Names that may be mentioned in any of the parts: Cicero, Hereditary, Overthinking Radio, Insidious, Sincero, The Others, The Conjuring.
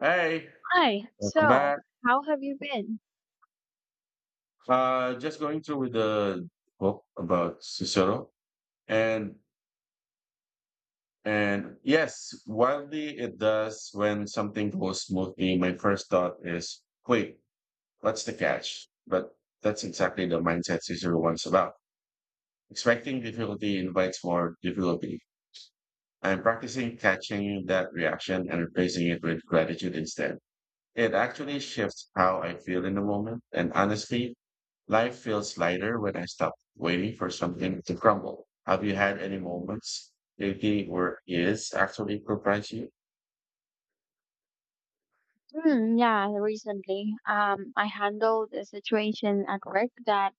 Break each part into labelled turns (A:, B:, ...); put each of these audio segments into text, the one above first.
A: Hey,
B: Hi.
A: welcome
B: So,
A: back.
B: how have you been?
A: Just going through with the book about Cicero, and yes, wildly it does when something goes smoothly. My first thought is, wait, what's the catch? But that's exactly the mindset Cicero wants about. Expecting difficulty invites more difficulty. I'm practicing catching that reaction and replacing it with gratitude instead. It actually shifts how I feel in the moment, and honestly, life feels lighter when I stop waiting for something to crumble. Have you had any moments lately where yes actually surprise you?
B: Yeah, recently, I handled a situation at work that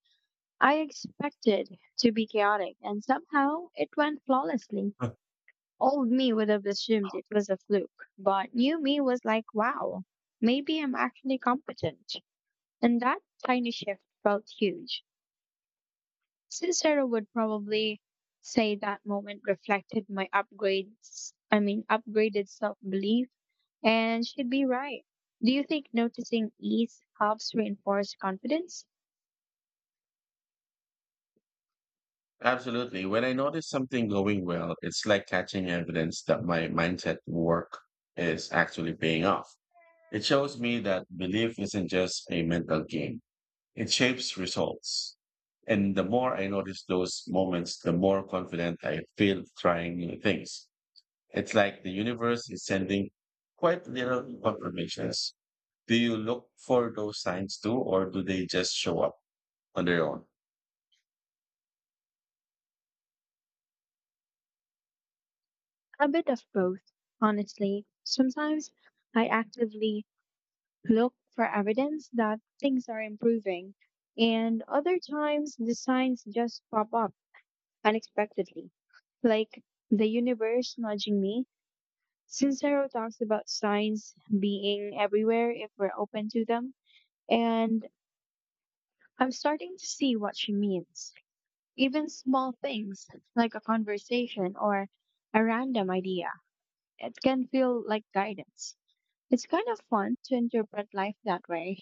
B: I expected to be chaotic, and somehow it went flawlessly.
A: Huh.
B: Old me would have assumed it was a fluke, but new me was like, wow, maybe I'm actually competent. And that tiny shift felt huge. Cicero would probably say that moment reflected my upgraded self belief, and she'd be right. Do you think noticing ease helps reinforce confidence?
A: Absolutely. When I notice something going well, it's like catching evidence that my mindset work is actually paying off. It shows me that belief isn't just a mental game, it shapes results. And the more I notice those moments, the more confident I feel trying new things. It's like the universe is sending quite little confirmations. Do you look for those signs too, or do they just show up on their own?
B: A bit of both, honestly. Sometimes I actively look for evidence that things are improving, and other times the signs just pop up unexpectedly, like the universe nudging me. Sincero talks about signs being everywhere if we're open to them, and I'm starting to see what she means. Even small things like a conversation or a random idea, it can feel like guidance. It's kind of fun to interpret life that way.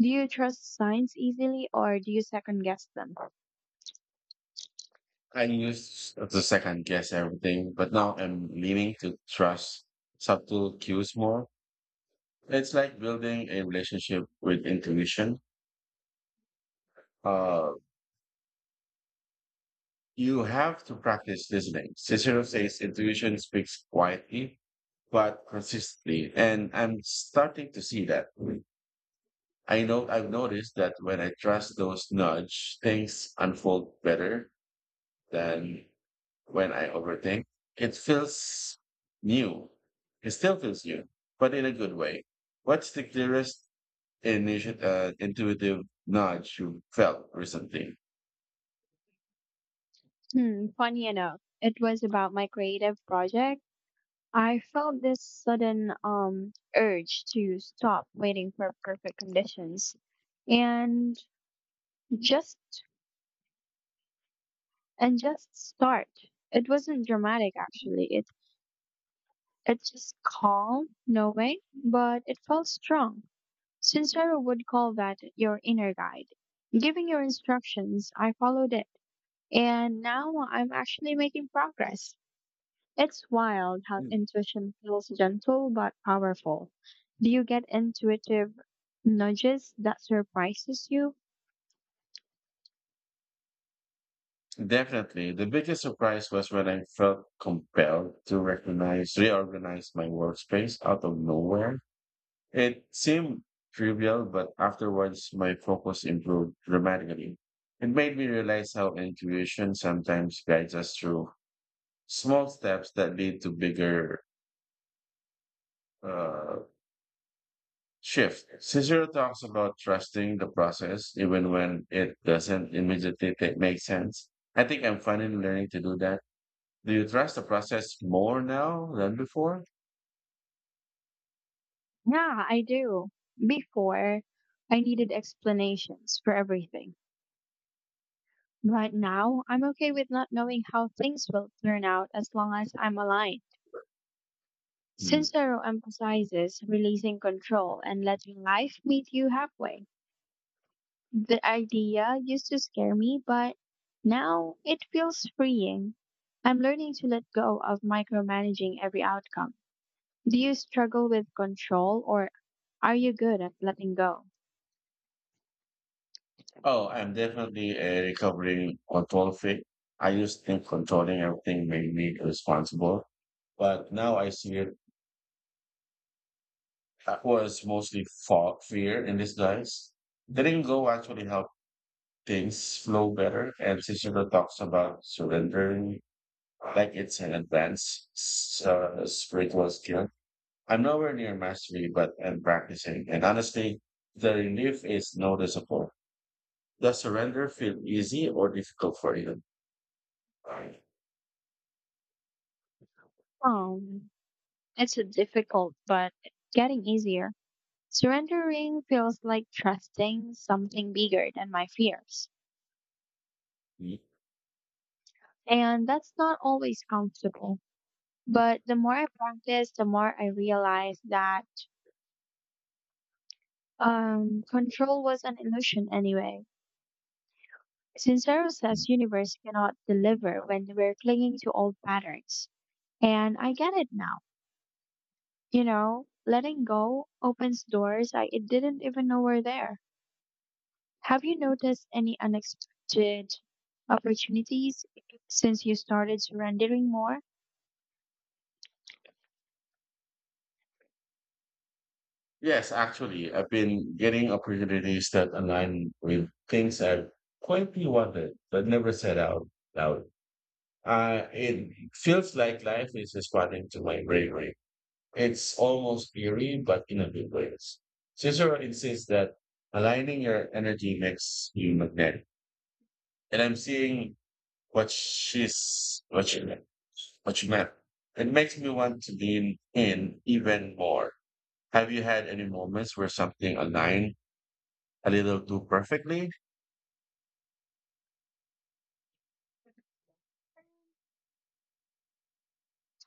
B: Do you trust signs easily or do you second guess them?
A: I used to second guess everything, but now I'm leaning to trust subtle cues more. It's like building a relationship with intuition. Uh, you have to practice listening. Cicero says intuition speaks quietly, but consistently. And I'm starting to see that. I know I've noticed that when I trust those nudge, things unfold better than when I overthink. It feels new. It still feels new, but in a good way. What's the clearest intuitive nudge you felt recently?
B: Hmm, funny enough, it was about my creative project. I felt this sudden urge to stop waiting for perfect conditions and just and just start. It wasn't dramatic actually. It's just calm, no way, but it felt strong. Sincero would call that your inner guide giving your instructions. I followed it. And now I'm actually making progress. It's wild how
A: Mm.
B: intuition feels gentle but powerful. Do you get intuitive nudges that surprises you?
A: Definitely. The biggest surprise was when I felt compelled to recognize, reorganize my workspace out of nowhere. It seemed trivial, but afterwards my focus improved dramatically. It made me realize how intuition sometimes guides us through small steps that lead to bigger uh, shift. Cicero talks about trusting the process even when it doesn't immediately make sense. I think I'm finally learning to do that. Do you trust the process more now than before?
B: Yeah, I do. Before, I needed explanations for everything. But now, I'm okay with not knowing how things will turn out as long as I'm aligned.
A: Hmm.
B: Sincero emphasizes releasing control and letting life meet you halfway. The idea used to scare me, but now it feels freeing. I'm learning to let go of micromanaging every outcome. Do you struggle with control or are you good at letting go?
A: Oh, I'm definitely a recovering control freak. I used to think controlling everything made me responsible, but now I see it that was mostly for fear in disguise. Letting go actually helped things flow better, and Cicero talks about surrendering like it's an spiritual skill. I'm nowhere near mastery, but I'm practicing, and honestly, the relief is noticeable. Does surrender feel easy or difficult for you?
B: Um, it's a difficult, but getting easier. Surrendering feels like trusting something bigger than my fears.
A: Y-
B: And that's not always comfortable. But the more I practice, the more I realize that control was an illusion anyway. Since Sincero says universe cannot deliver when we're clinging to old patterns. And I get it now. You know, letting go opens doors I it didn't even know were there. Have you noticed any unexpected opportunities since you started surrendering more?
A: Yes, actually, I've been getting opportunities that align with things I quietly wanted but never said out loud. It feels like life is responding to my bravery. It's almost eerie, but in a good way. Cicero insists that aligning your energy makes you magnetic, and I'm seeing what she meant. What she meant. It makes me want to lean in even more. Have you had any moments where something aligned a little too perfectly?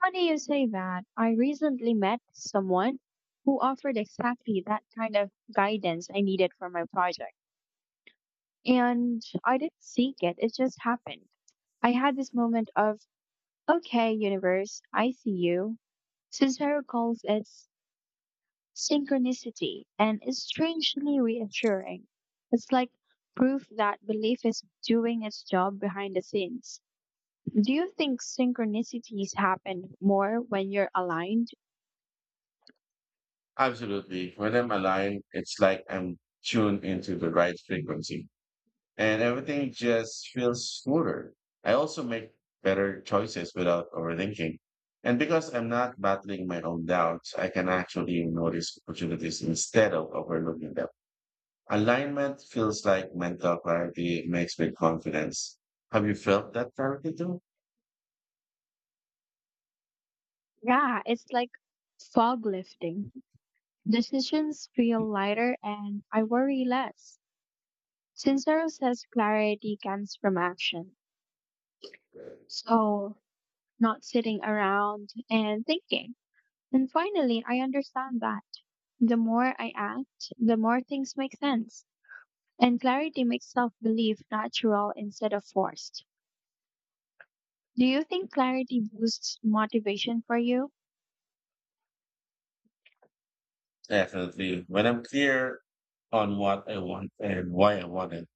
B: Funny you say that. I recently met someone who offered exactly that kind of guidance I needed for my project. And I didn't seek it, it just happened. I had this moment of, okay, universe, I see you. Cicero calls it synchronicity and is strangely reassuring. It's like proof that belief is doing its job behind the scenes. Do you think synchronicities happen more when you're aligned?
A: Absolutely. When I'm aligned, it's like I'm tuned into the right frequency and everything just feels smoother. I also make better choices without overthinking. And because I'm not battling my own doubts, I can actually notice opportunities instead of overlooking them. Alignment feels like mental clarity, it makes me confidence. Have you felt that clarity too?
B: Yeah, it's like fog lifting. Decisions feel lighter and I worry less. Sincero says clarity comes from action. So, not sitting around and thinking. And finally, I understand that the more I act, the more things make sense. And clarity makes self belief natural instead of forced. Do you think clarity boosts motivation for you?
A: Definitely. When I'm clear on what I want and why I want it,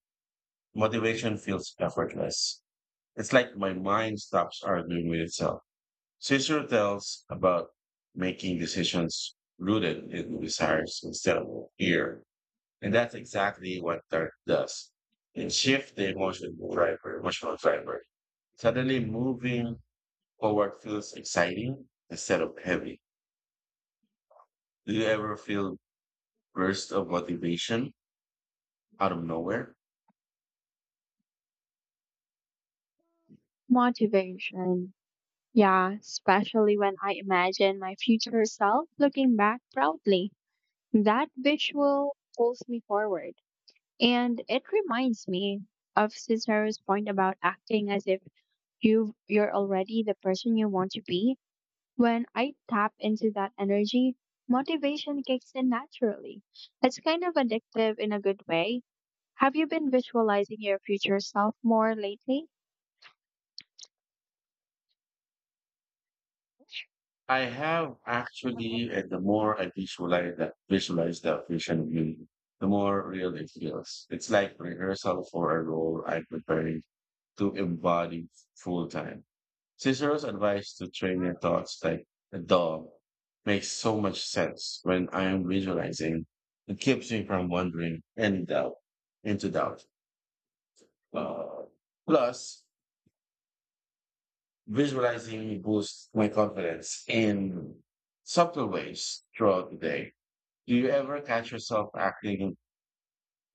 A: motivation feels effortless. It's like my mind stops arguing with itself. Cicero tells about making decisions rooted in desires instead of fear. And that's exactly what dirt does. It shifts the emotional driver. Suddenly moving forward feels exciting instead of heavy. Do you ever feel burst of motivation out of nowhere?
B: Motivation. Yeah, especially when I imagine my future self looking back proudly. That visual pulls me forward. And it reminds me of Cicero's point about acting as if you're already the person you want to be. When I tap into that energy, motivation kicks in naturally. It's kind of addictive in a good way. Have you been visualizing your future self more lately?
A: I have actually, and the more I visualize the vision view, the more real it feels. It's like rehearsal for a role I'm preparing to embody full time. Cicero's advice to train your thoughts like a dog makes so much sense when I am visualizing. It keeps me from wandering and doubt into doubt. Uh, Plus, visualizing boosts my confidence in subtle ways throughout the day. Do you ever catch yourself acting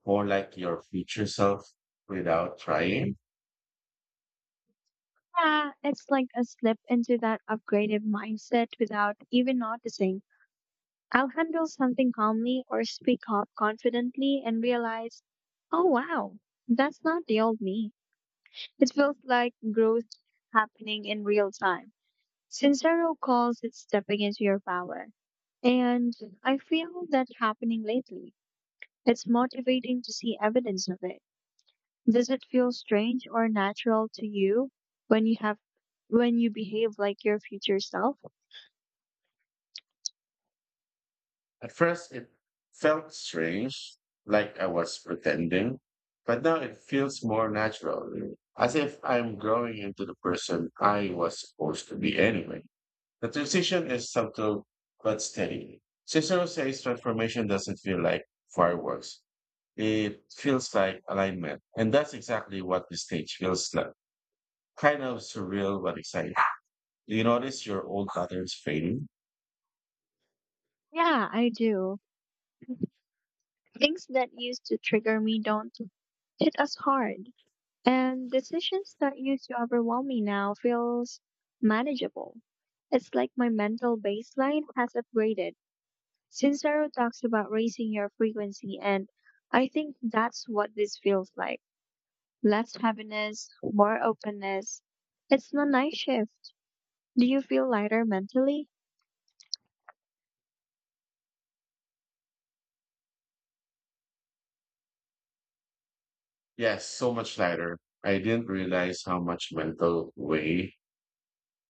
A: more like your future self without trying?
B: Yeah, it's like a slip into that upgraded mindset without even noticing. I'll handle something calmly or speak up confidently and realize, oh wow, that's not the old me. It feels like growth happening in real time. Sincero calls it stepping into your power. And I feel that happening lately. It's motivating to see evidence of it. Does it feel strange or natural to you when you have when you behave like your future self?
A: At first, it felt strange, like I was pretending, but now it feels more natural, as if I'm growing into the person I was supposed to be anyway. The transition is subtle but steady. Cicero says transformation doesn't feel like fireworks. It feels like alignment. And that's exactly what the stage feels like. Kind of surreal, but exciting. Do you notice your old patterns fading?
B: Yeah, I do. Things that used to trigger me don't hit as hard. And decisions that used to overwhelm me now feels manageable. It's like my mental baseline has upgraded. Sincero talks about raising your frequency, and I think that's what this feels like. Less heaviness, more openness. It's a nice shift. Do you feel lighter mentally?
A: Yes, so much lighter. I didn't realize how much mental weight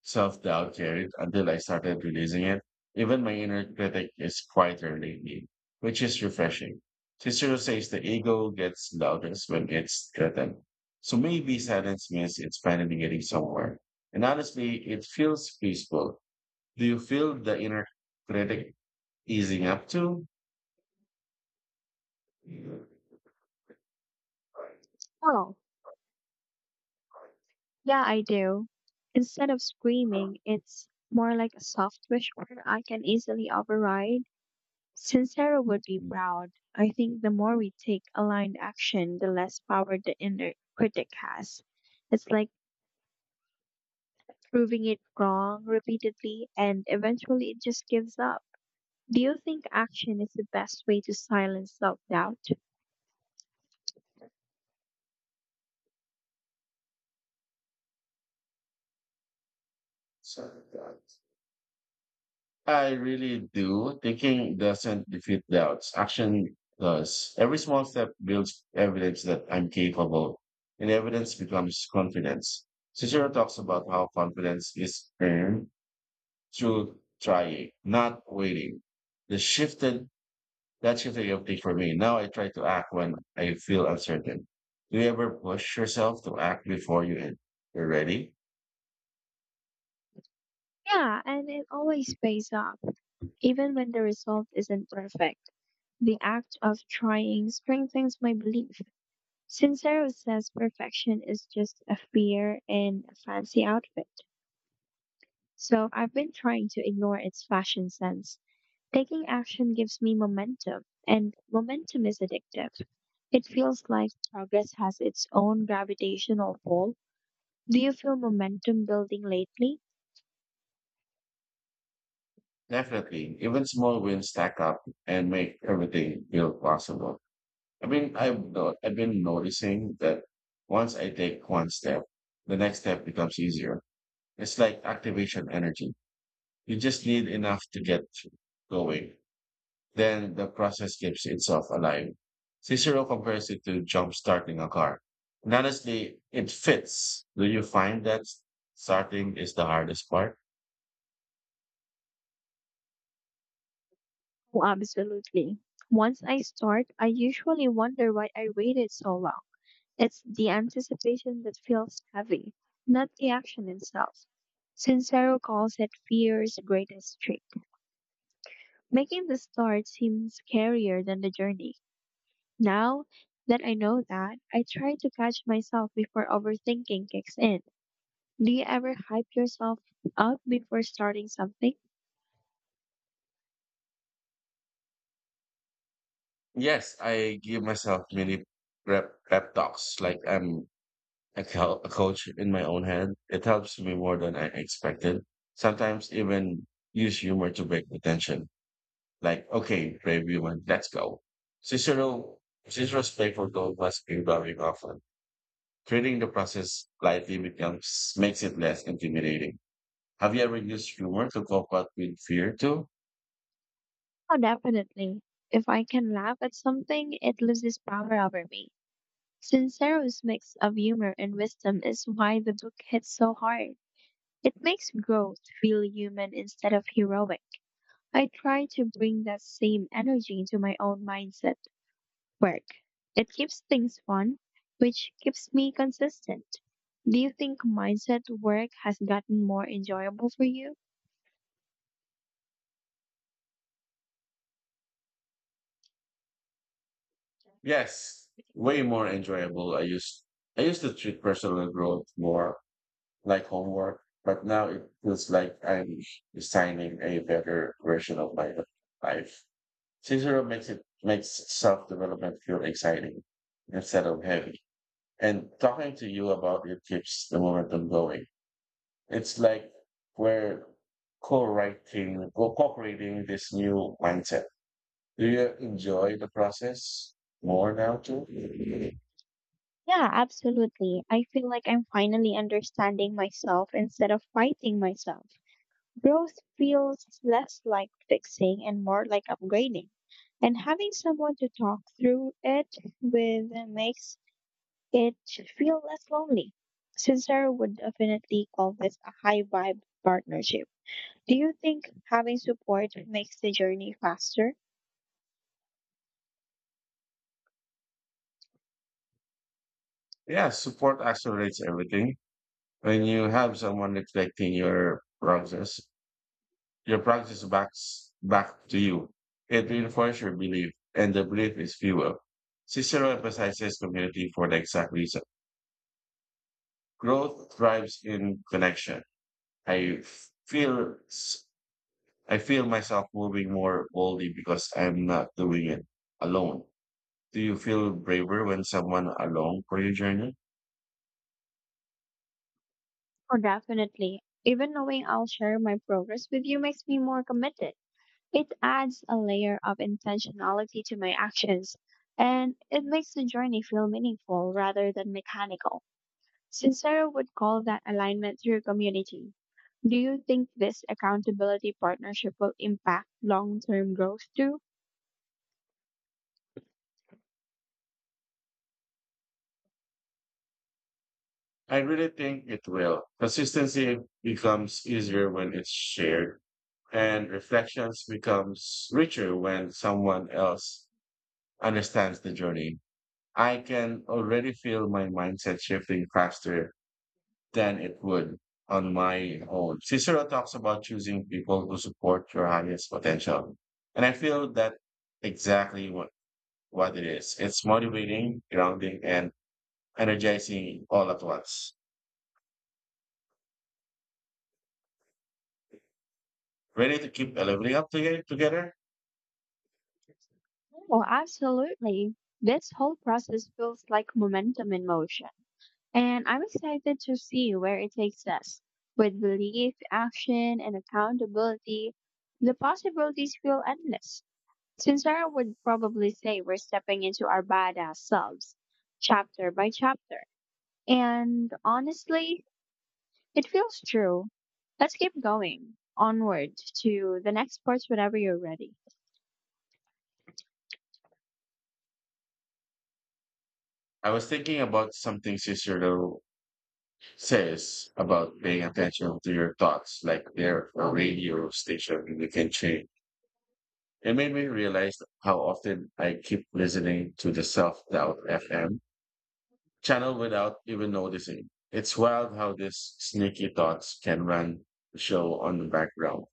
A: self-doubt carried until I started releasing it. Even my inner critic is quieter lately, which is refreshing. Cicero says the ego gets loudest when it's threatened. So maybe silence means it's finally getting somewhere. And honestly, it feels peaceful. Do you feel the inner critic easing up too?
B: Oh, yeah, I do. Instead of screaming, it's more like a soft wish where I can easily override. Sincero would be proud. I think the more we take aligned action, the less power the inner critic has. It's like proving it wrong repeatedly and eventually it just gives up. Do you think action is the best way to silence self doubt?
A: I really do. Thinking doesn't defeat doubts. Action does. Every small step builds evidence that I'm capable, and evidence becomes confidence. Cicero talks about how confidence is earned through trying, not waiting. The shifted, that shifted your thing for me. Now I try to act when I feel uncertain. Do you ever push yourself to act before you end? You're ready?
B: Yeah, and it always pays off, even when the result isn't perfect. The act of trying strengthens my belief. Sincero says perfection is just a fear in a fancy outfit. So I've been trying to ignore its fashion sense. Taking action gives me momentum, and momentum is addictive. It feels like progress has its own gravitational pull. Do you feel momentum building lately?
A: Definitely. Even small wins stack up and make everything feel possible. I mean, I've no, I've been noticing that once I take one step, the next step becomes easier. It's like activation energy. You just need enough to get going. Then the process keeps itself alive. Cicero compares it to jump starting a car. And honestly, it fits. Do you find that starting is the hardest part?
B: Oh, absolutely. Once I start, I usually wonder why I waited so long. It's the anticipation that feels heavy, not the action itself. Sincero calls it fear's greatest trick, making the start seem scarier than the journey. Now that I know that, I try to catch myself before overthinking kicks in. Do you ever hype yourself up before starting something?
A: Yes, I give myself mini prep talks like I'm a coach in my own head. It helps me more than I expected. Sometimes even use humor to break the tension. Like, okay, brave human, let's go. Cicero, Cicero's playful tone must be very often. Treating the process lightly becomes makes it less intimidating. Have you ever used humor to cope up with fear too?
B: Oh, definitely. If I can laugh at something, it loses power over me. Sincero's mix of humor and wisdom is why the book hits so hard. It makes growth feel human instead of heroic. I try to bring that same energy into my own mindset work. It keeps things fun, which keeps me consistent. Do you think mindset work has gotten more enjoyable for you?
A: Yes, way more enjoyable. I used to treat personal growth more like homework, but now it feels like I'm designing a better version of my life. Cicero makes it makes self development feel exciting instead of heavy. And talking to you about it keeps the momentum going. It's like we're co-creating this new mindset. Do you enjoy the process more now too?
B: Yeah, absolutely. I feel like I'm finally understanding myself instead of fighting myself. Growth feels less like fixing and more like upgrading. And having someone to talk through it with makes it feel less lonely. Cesar would definitely call this a high vibe partnership. Do you think having support makes the journey faster?
A: Yeah, support accelerates everything. When you have someone reflecting your process, your practice backs back to you. It reinforces your belief, and the belief is fuel. Cicero emphasizes community for the exact reason. Growth thrives in connection. I feel s- I feel myself moving more boldly because I'm not doing it alone. Do you feel braver when someone along for your journey?
B: Oh, definitely. Even knowing I'll share my progress with you makes me more committed. It adds a layer of intentionality to my actions, and it makes the journey feel meaningful rather than mechanical. Sincero would call that alignment through community. Do you think this accountability partnership will impact long term growth too?
A: I really think it will. Consistency becomes easier when it's shared and reflections becomes richer when someone else understands the journey. I can already feel my mindset shifting faster than it would on my own. Cicero talks about choosing people who support your highest potential. And I feel that exactly what, what it is. It's motivating, grounding, and energizing all at once. Ready to keep leveling up together?
B: Oh, absolutely. This whole process feels like momentum in motion, and I'm excited to see where it takes us. With belief, action, and accountability, the possibilities feel endless. Sincere would probably say we're stepping into our badass selves, chapter by chapter. And honestly, it feels true. Let's keep going onward to the next parts whenever you're ready.
A: I was thinking about something Cicero says about paying attention to your thoughts like they're a radio station you can change. It made me realize how often I keep listening to the self doubt FM channel without even noticing. It's wild how these sneaky thoughts can run the show on the background.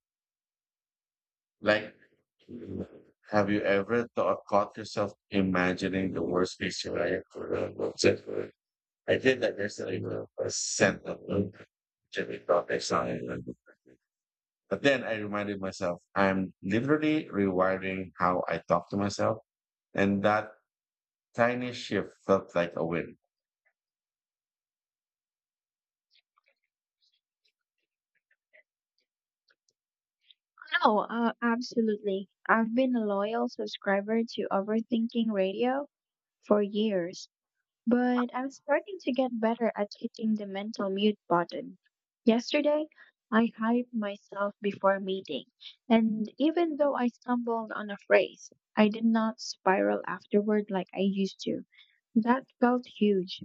A: Like, have you caught yourself imagining the worst case scenario for the website? I did that yesterday with a scent of Jimmy thought I saw it. But then I reminded myself I'm literally rewiring how I talk to myself. And that tiny shift felt like a win.
B: No, absolutely. I've been a loyal subscriber to Overthinking Radio for years. But I'm starting to get better at hitting the mental mute button. Yesterday, I hyped myself before meeting, and even though I stumbled on a phrase, I did not spiral afterward like I used to. That felt huge.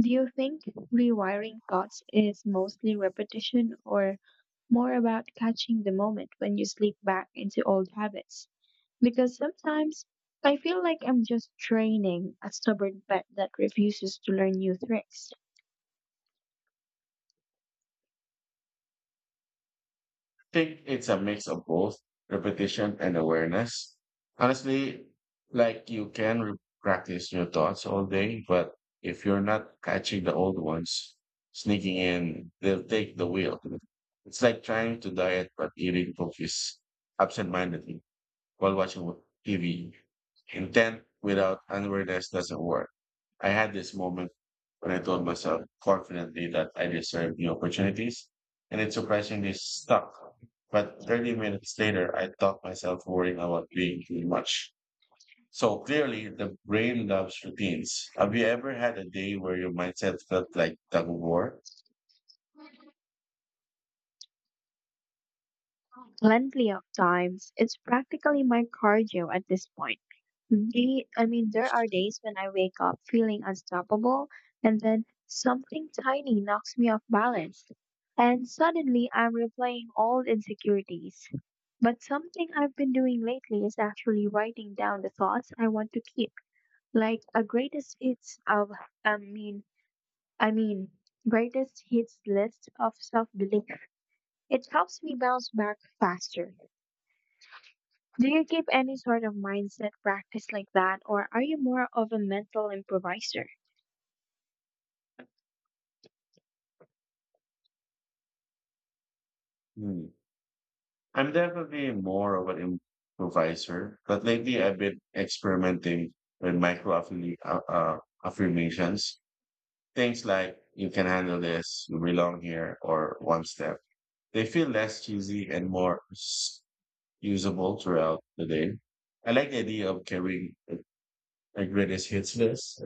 B: Do you think rewiring thoughts is mostly repetition or more about catching the moment when you slip back into old habits? Because sometimes I feel like I'm just training a stubborn pet that refuses to learn new tricks.
A: I think it's a mix of both repetition and awareness. Honestly, like you can practice your thoughts all day, but if you're not catching the old ones sneaking in, they'll take the wheel. It's like trying to diet but eating cookies absent-mindedly while watching TV. Intent without awareness doesn't work. I had this moment when I told myself confidently that I deserve new opportunities, and it surprisingly stuck. But 30 minutes later, I thought myself worrying about being too much. So clearly, the brain loves routines. Have you ever had a day where your mindset felt like tug of war?
B: Plenty of times, it's practically my cardio at this point. There are days when I wake up feeling unstoppable, and then something tiny knocks me off balance. And suddenly I'm replaying old insecurities. But something I've been doing lately is actually writing down the thoughts I want to keep, like a greatest hits of I mean I mean greatest hits list of self belief. It helps me bounce back faster. Do you keep any sort of mindset practice like that or are you more of a mental improviser?
A: Hmm. I'm definitely more of an improviser, but lately I've been experimenting with micro affirmations. Things like, you can handle this, you belong here, or one step. They feel less cheesy and more usable throughout the day. I like the idea of carrying a greatest hits list.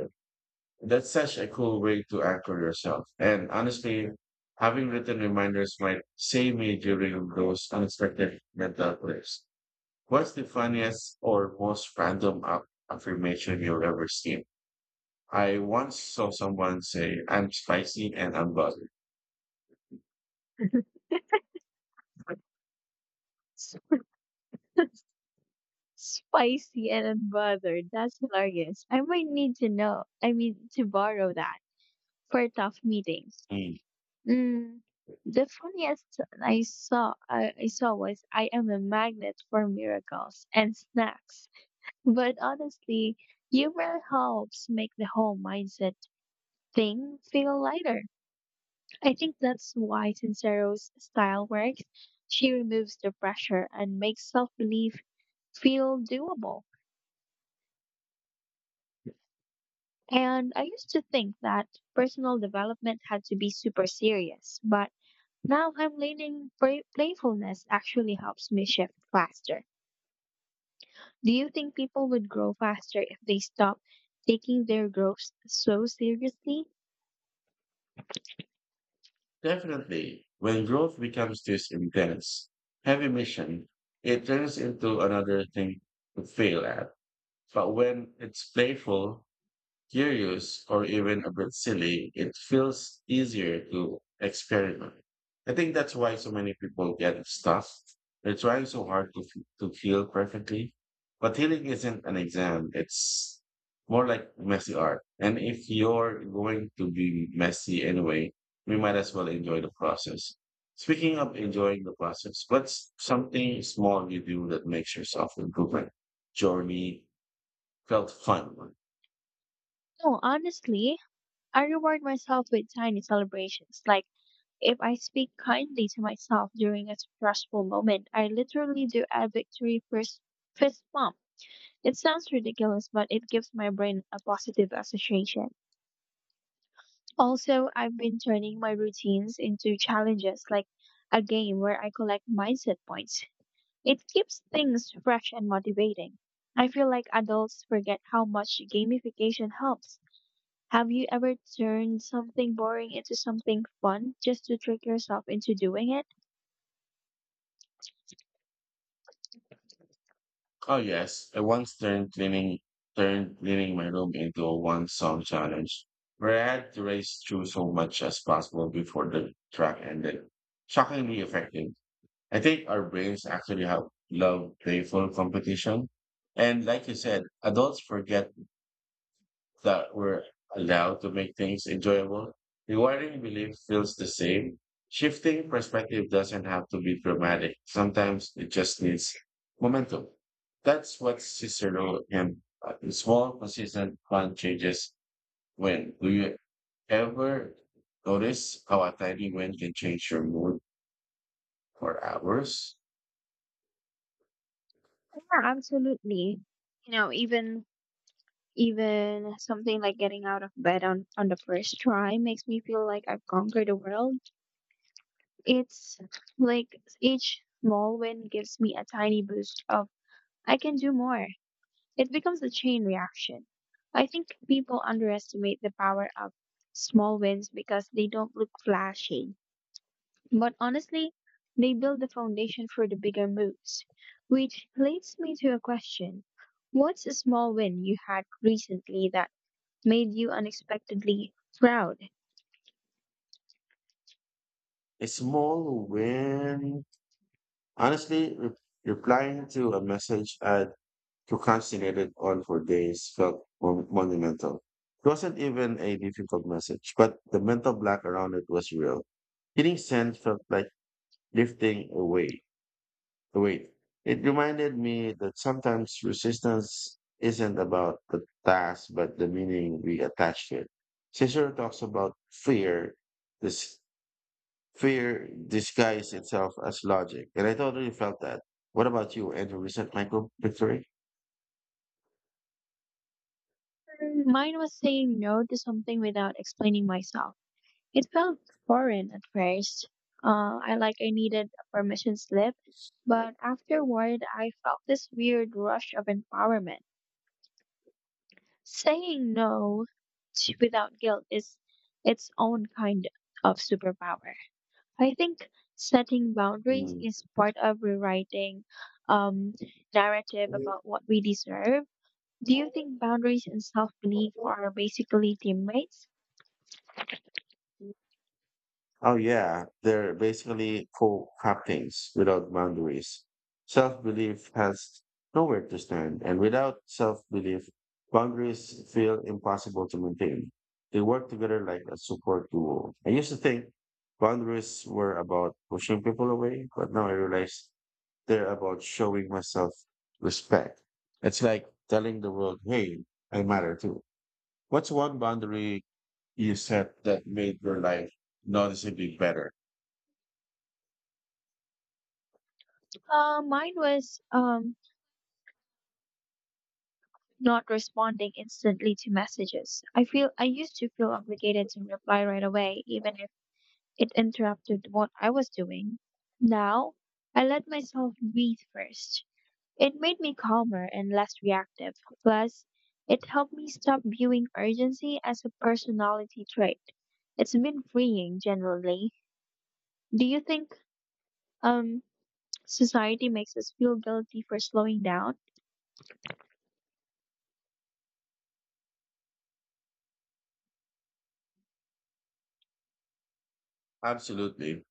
A: That's such a cool way to anchor yourself. And honestly, having written reminders might save me during those unexpected mental breaks. What's the funniest or most random affirmation you've ever seen? I once saw someone say, I'm spicy and I'm bothered.
B: Spicy and unbothered. That's hilarious. I might need to know. I mean to borrow that for tough meetings.
A: Mm.
B: Mm, the funniest I saw was, I am a magnet for miracles and snacks. But honestly, humor helps make the whole mindset thing feel lighter. I think that's why Sincero's style works. She removes the pressure and makes self-belief feel doable. And I used to think that personal development had to be super serious, but now I'm learning playfulness actually helps me shift faster. Do you think people would grow faster if they stop taking their growth so seriously?
A: Definitely, when growth becomes this intense, heavy mission, it turns into another thing to fail at. But when it's playful, curious, or even a bit silly, it feels easier to experiment. I think that's why so many people get stuck. They're trying so hard to, to feel perfectly. But healing isn't an exam, it's more like messy art. And if you're going to be messy anyway, we might as well enjoy the process. Speaking of enjoying the process, what's something small you do that makes yourself improvement journey felt fun?
B: No, honestly, I reward myself with tiny celebrations. Like if I speak kindly to myself during a stressful moment, I literally do a victory first fist bump. It sounds ridiculous, but it gives my brain a positive association. Also, I've been turning my routines into challenges, like a game where I collect mindset points. It keeps things fresh and motivating. I feel like adults forget how much gamification helps. Have you ever turned something boring into something fun just to trick yourself into doing it?
A: Oh yes, I once turned cleaning my room into a one song challenge where I had to race through so much as possible before the track ended. Shockingly effective. I think our brains actually have love playful competition. And like you said, adults forget that were allowed to make things enjoyable. Rewarding belief feels the same. Shifting perspective doesn't have to be dramatic. Sometimes it just needs momentum. That's what Cicero and small, consistent plan changes when. Do you ever notice how a tiny win can change your mood for hours?
B: Yeah, absolutely. You know, even something like getting out of bed on the first try makes me feel like I've conquered the world. It's like each small win gives me a tiny boost of I can do more. It becomes a chain reaction. I think people underestimate the power of small wins because they don't look flashy. But honestly, they build the foundation for the bigger moves. Which leads me to a question. What's a small win you had recently that made you unexpectedly proud?
A: A small win, honestly, replying to a message at procrastinated on for days felt monumental. It wasn't even a difficult message, but the mental black around it was real. Getting sent felt like lifting a weight. It reminded me that sometimes resistance isn't about the task, but the meaning we attach to it. Cicero talks about fear. This Fear disguises itself as logic, and I totally felt that. What about you? Any recent micro victory?
B: Mm, mine was saying no to something without explaining myself. It felt foreign at first. I like I needed a permission slip, but afterward I felt this weird rush of empowerment. Saying no to, without guilt is its own kind of superpower. I think setting boundaries
A: Mm.
B: is part of rewriting um, narrative about what we deserve. Do you think boundaries and self belief are basically teammates?
A: Oh yeah, they're basically co-captains without boundaries. Self-belief has nowhere to stand, and without self-belief, boundaries feel impossible to maintain. They work together like a support duo. I used to think boundaries were about pushing people away, but now I realize they're about showing myself respect. It's like telling the world, "Hey, I matter too." What's one boundary you set that made your life noticeably better?
B: Mine was not responding instantly to messages. I used to feel obligated to reply right away, even if it interrupted what I was doing. Now, I let myself breathe first. It made me calmer and less reactive. Plus, it helped me stop viewing urgency as a personality trait. It's been freeing generally. Do you think um society makes us feel guilty for slowing down?
A: Absolutely.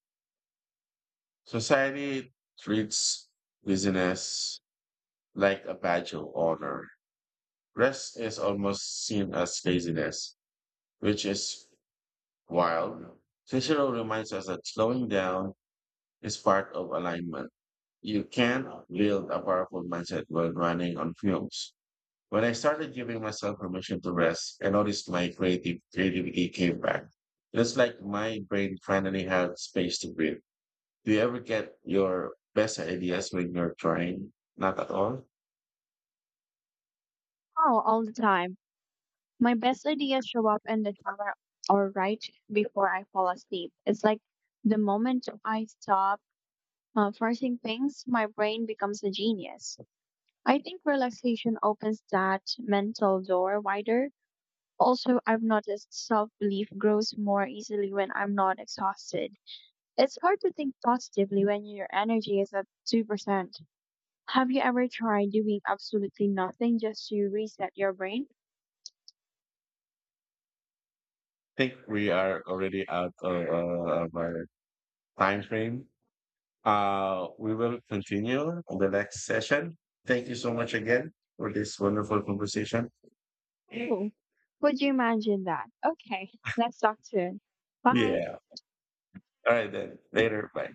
A: Society treats business like a badge of honor. Rest is almost seen as laziness, which is wild. Cicero reminds us that slowing down is part of alignment. You can't build a powerful mindset while running on fumes. When I started giving myself permission to rest, I noticed my creative creativity came back. It's like my brain finally had space to breathe. Do you ever get your best ideas when you're trying? Not at all.
B: Oh, all the time. My best ideas show up in the shower or right before I fall asleep. It's like the moment I stop forcing things, my brain becomes a genius. I think relaxation opens that mental door wider. Also, I've noticed self belief grows more easily when I'm not exhausted. It's hard to think positively when your energy is at 2%. Have you ever tried doing absolutely nothing just to reset your brain?
A: Think we are already out of our time frame. We will continue on the next session. Thank you so much again for this wonderful conversation.
B: Oh, would you imagine that? Okay, let's talk soon. Bye.
A: Yeah. All right then. Later. Bye.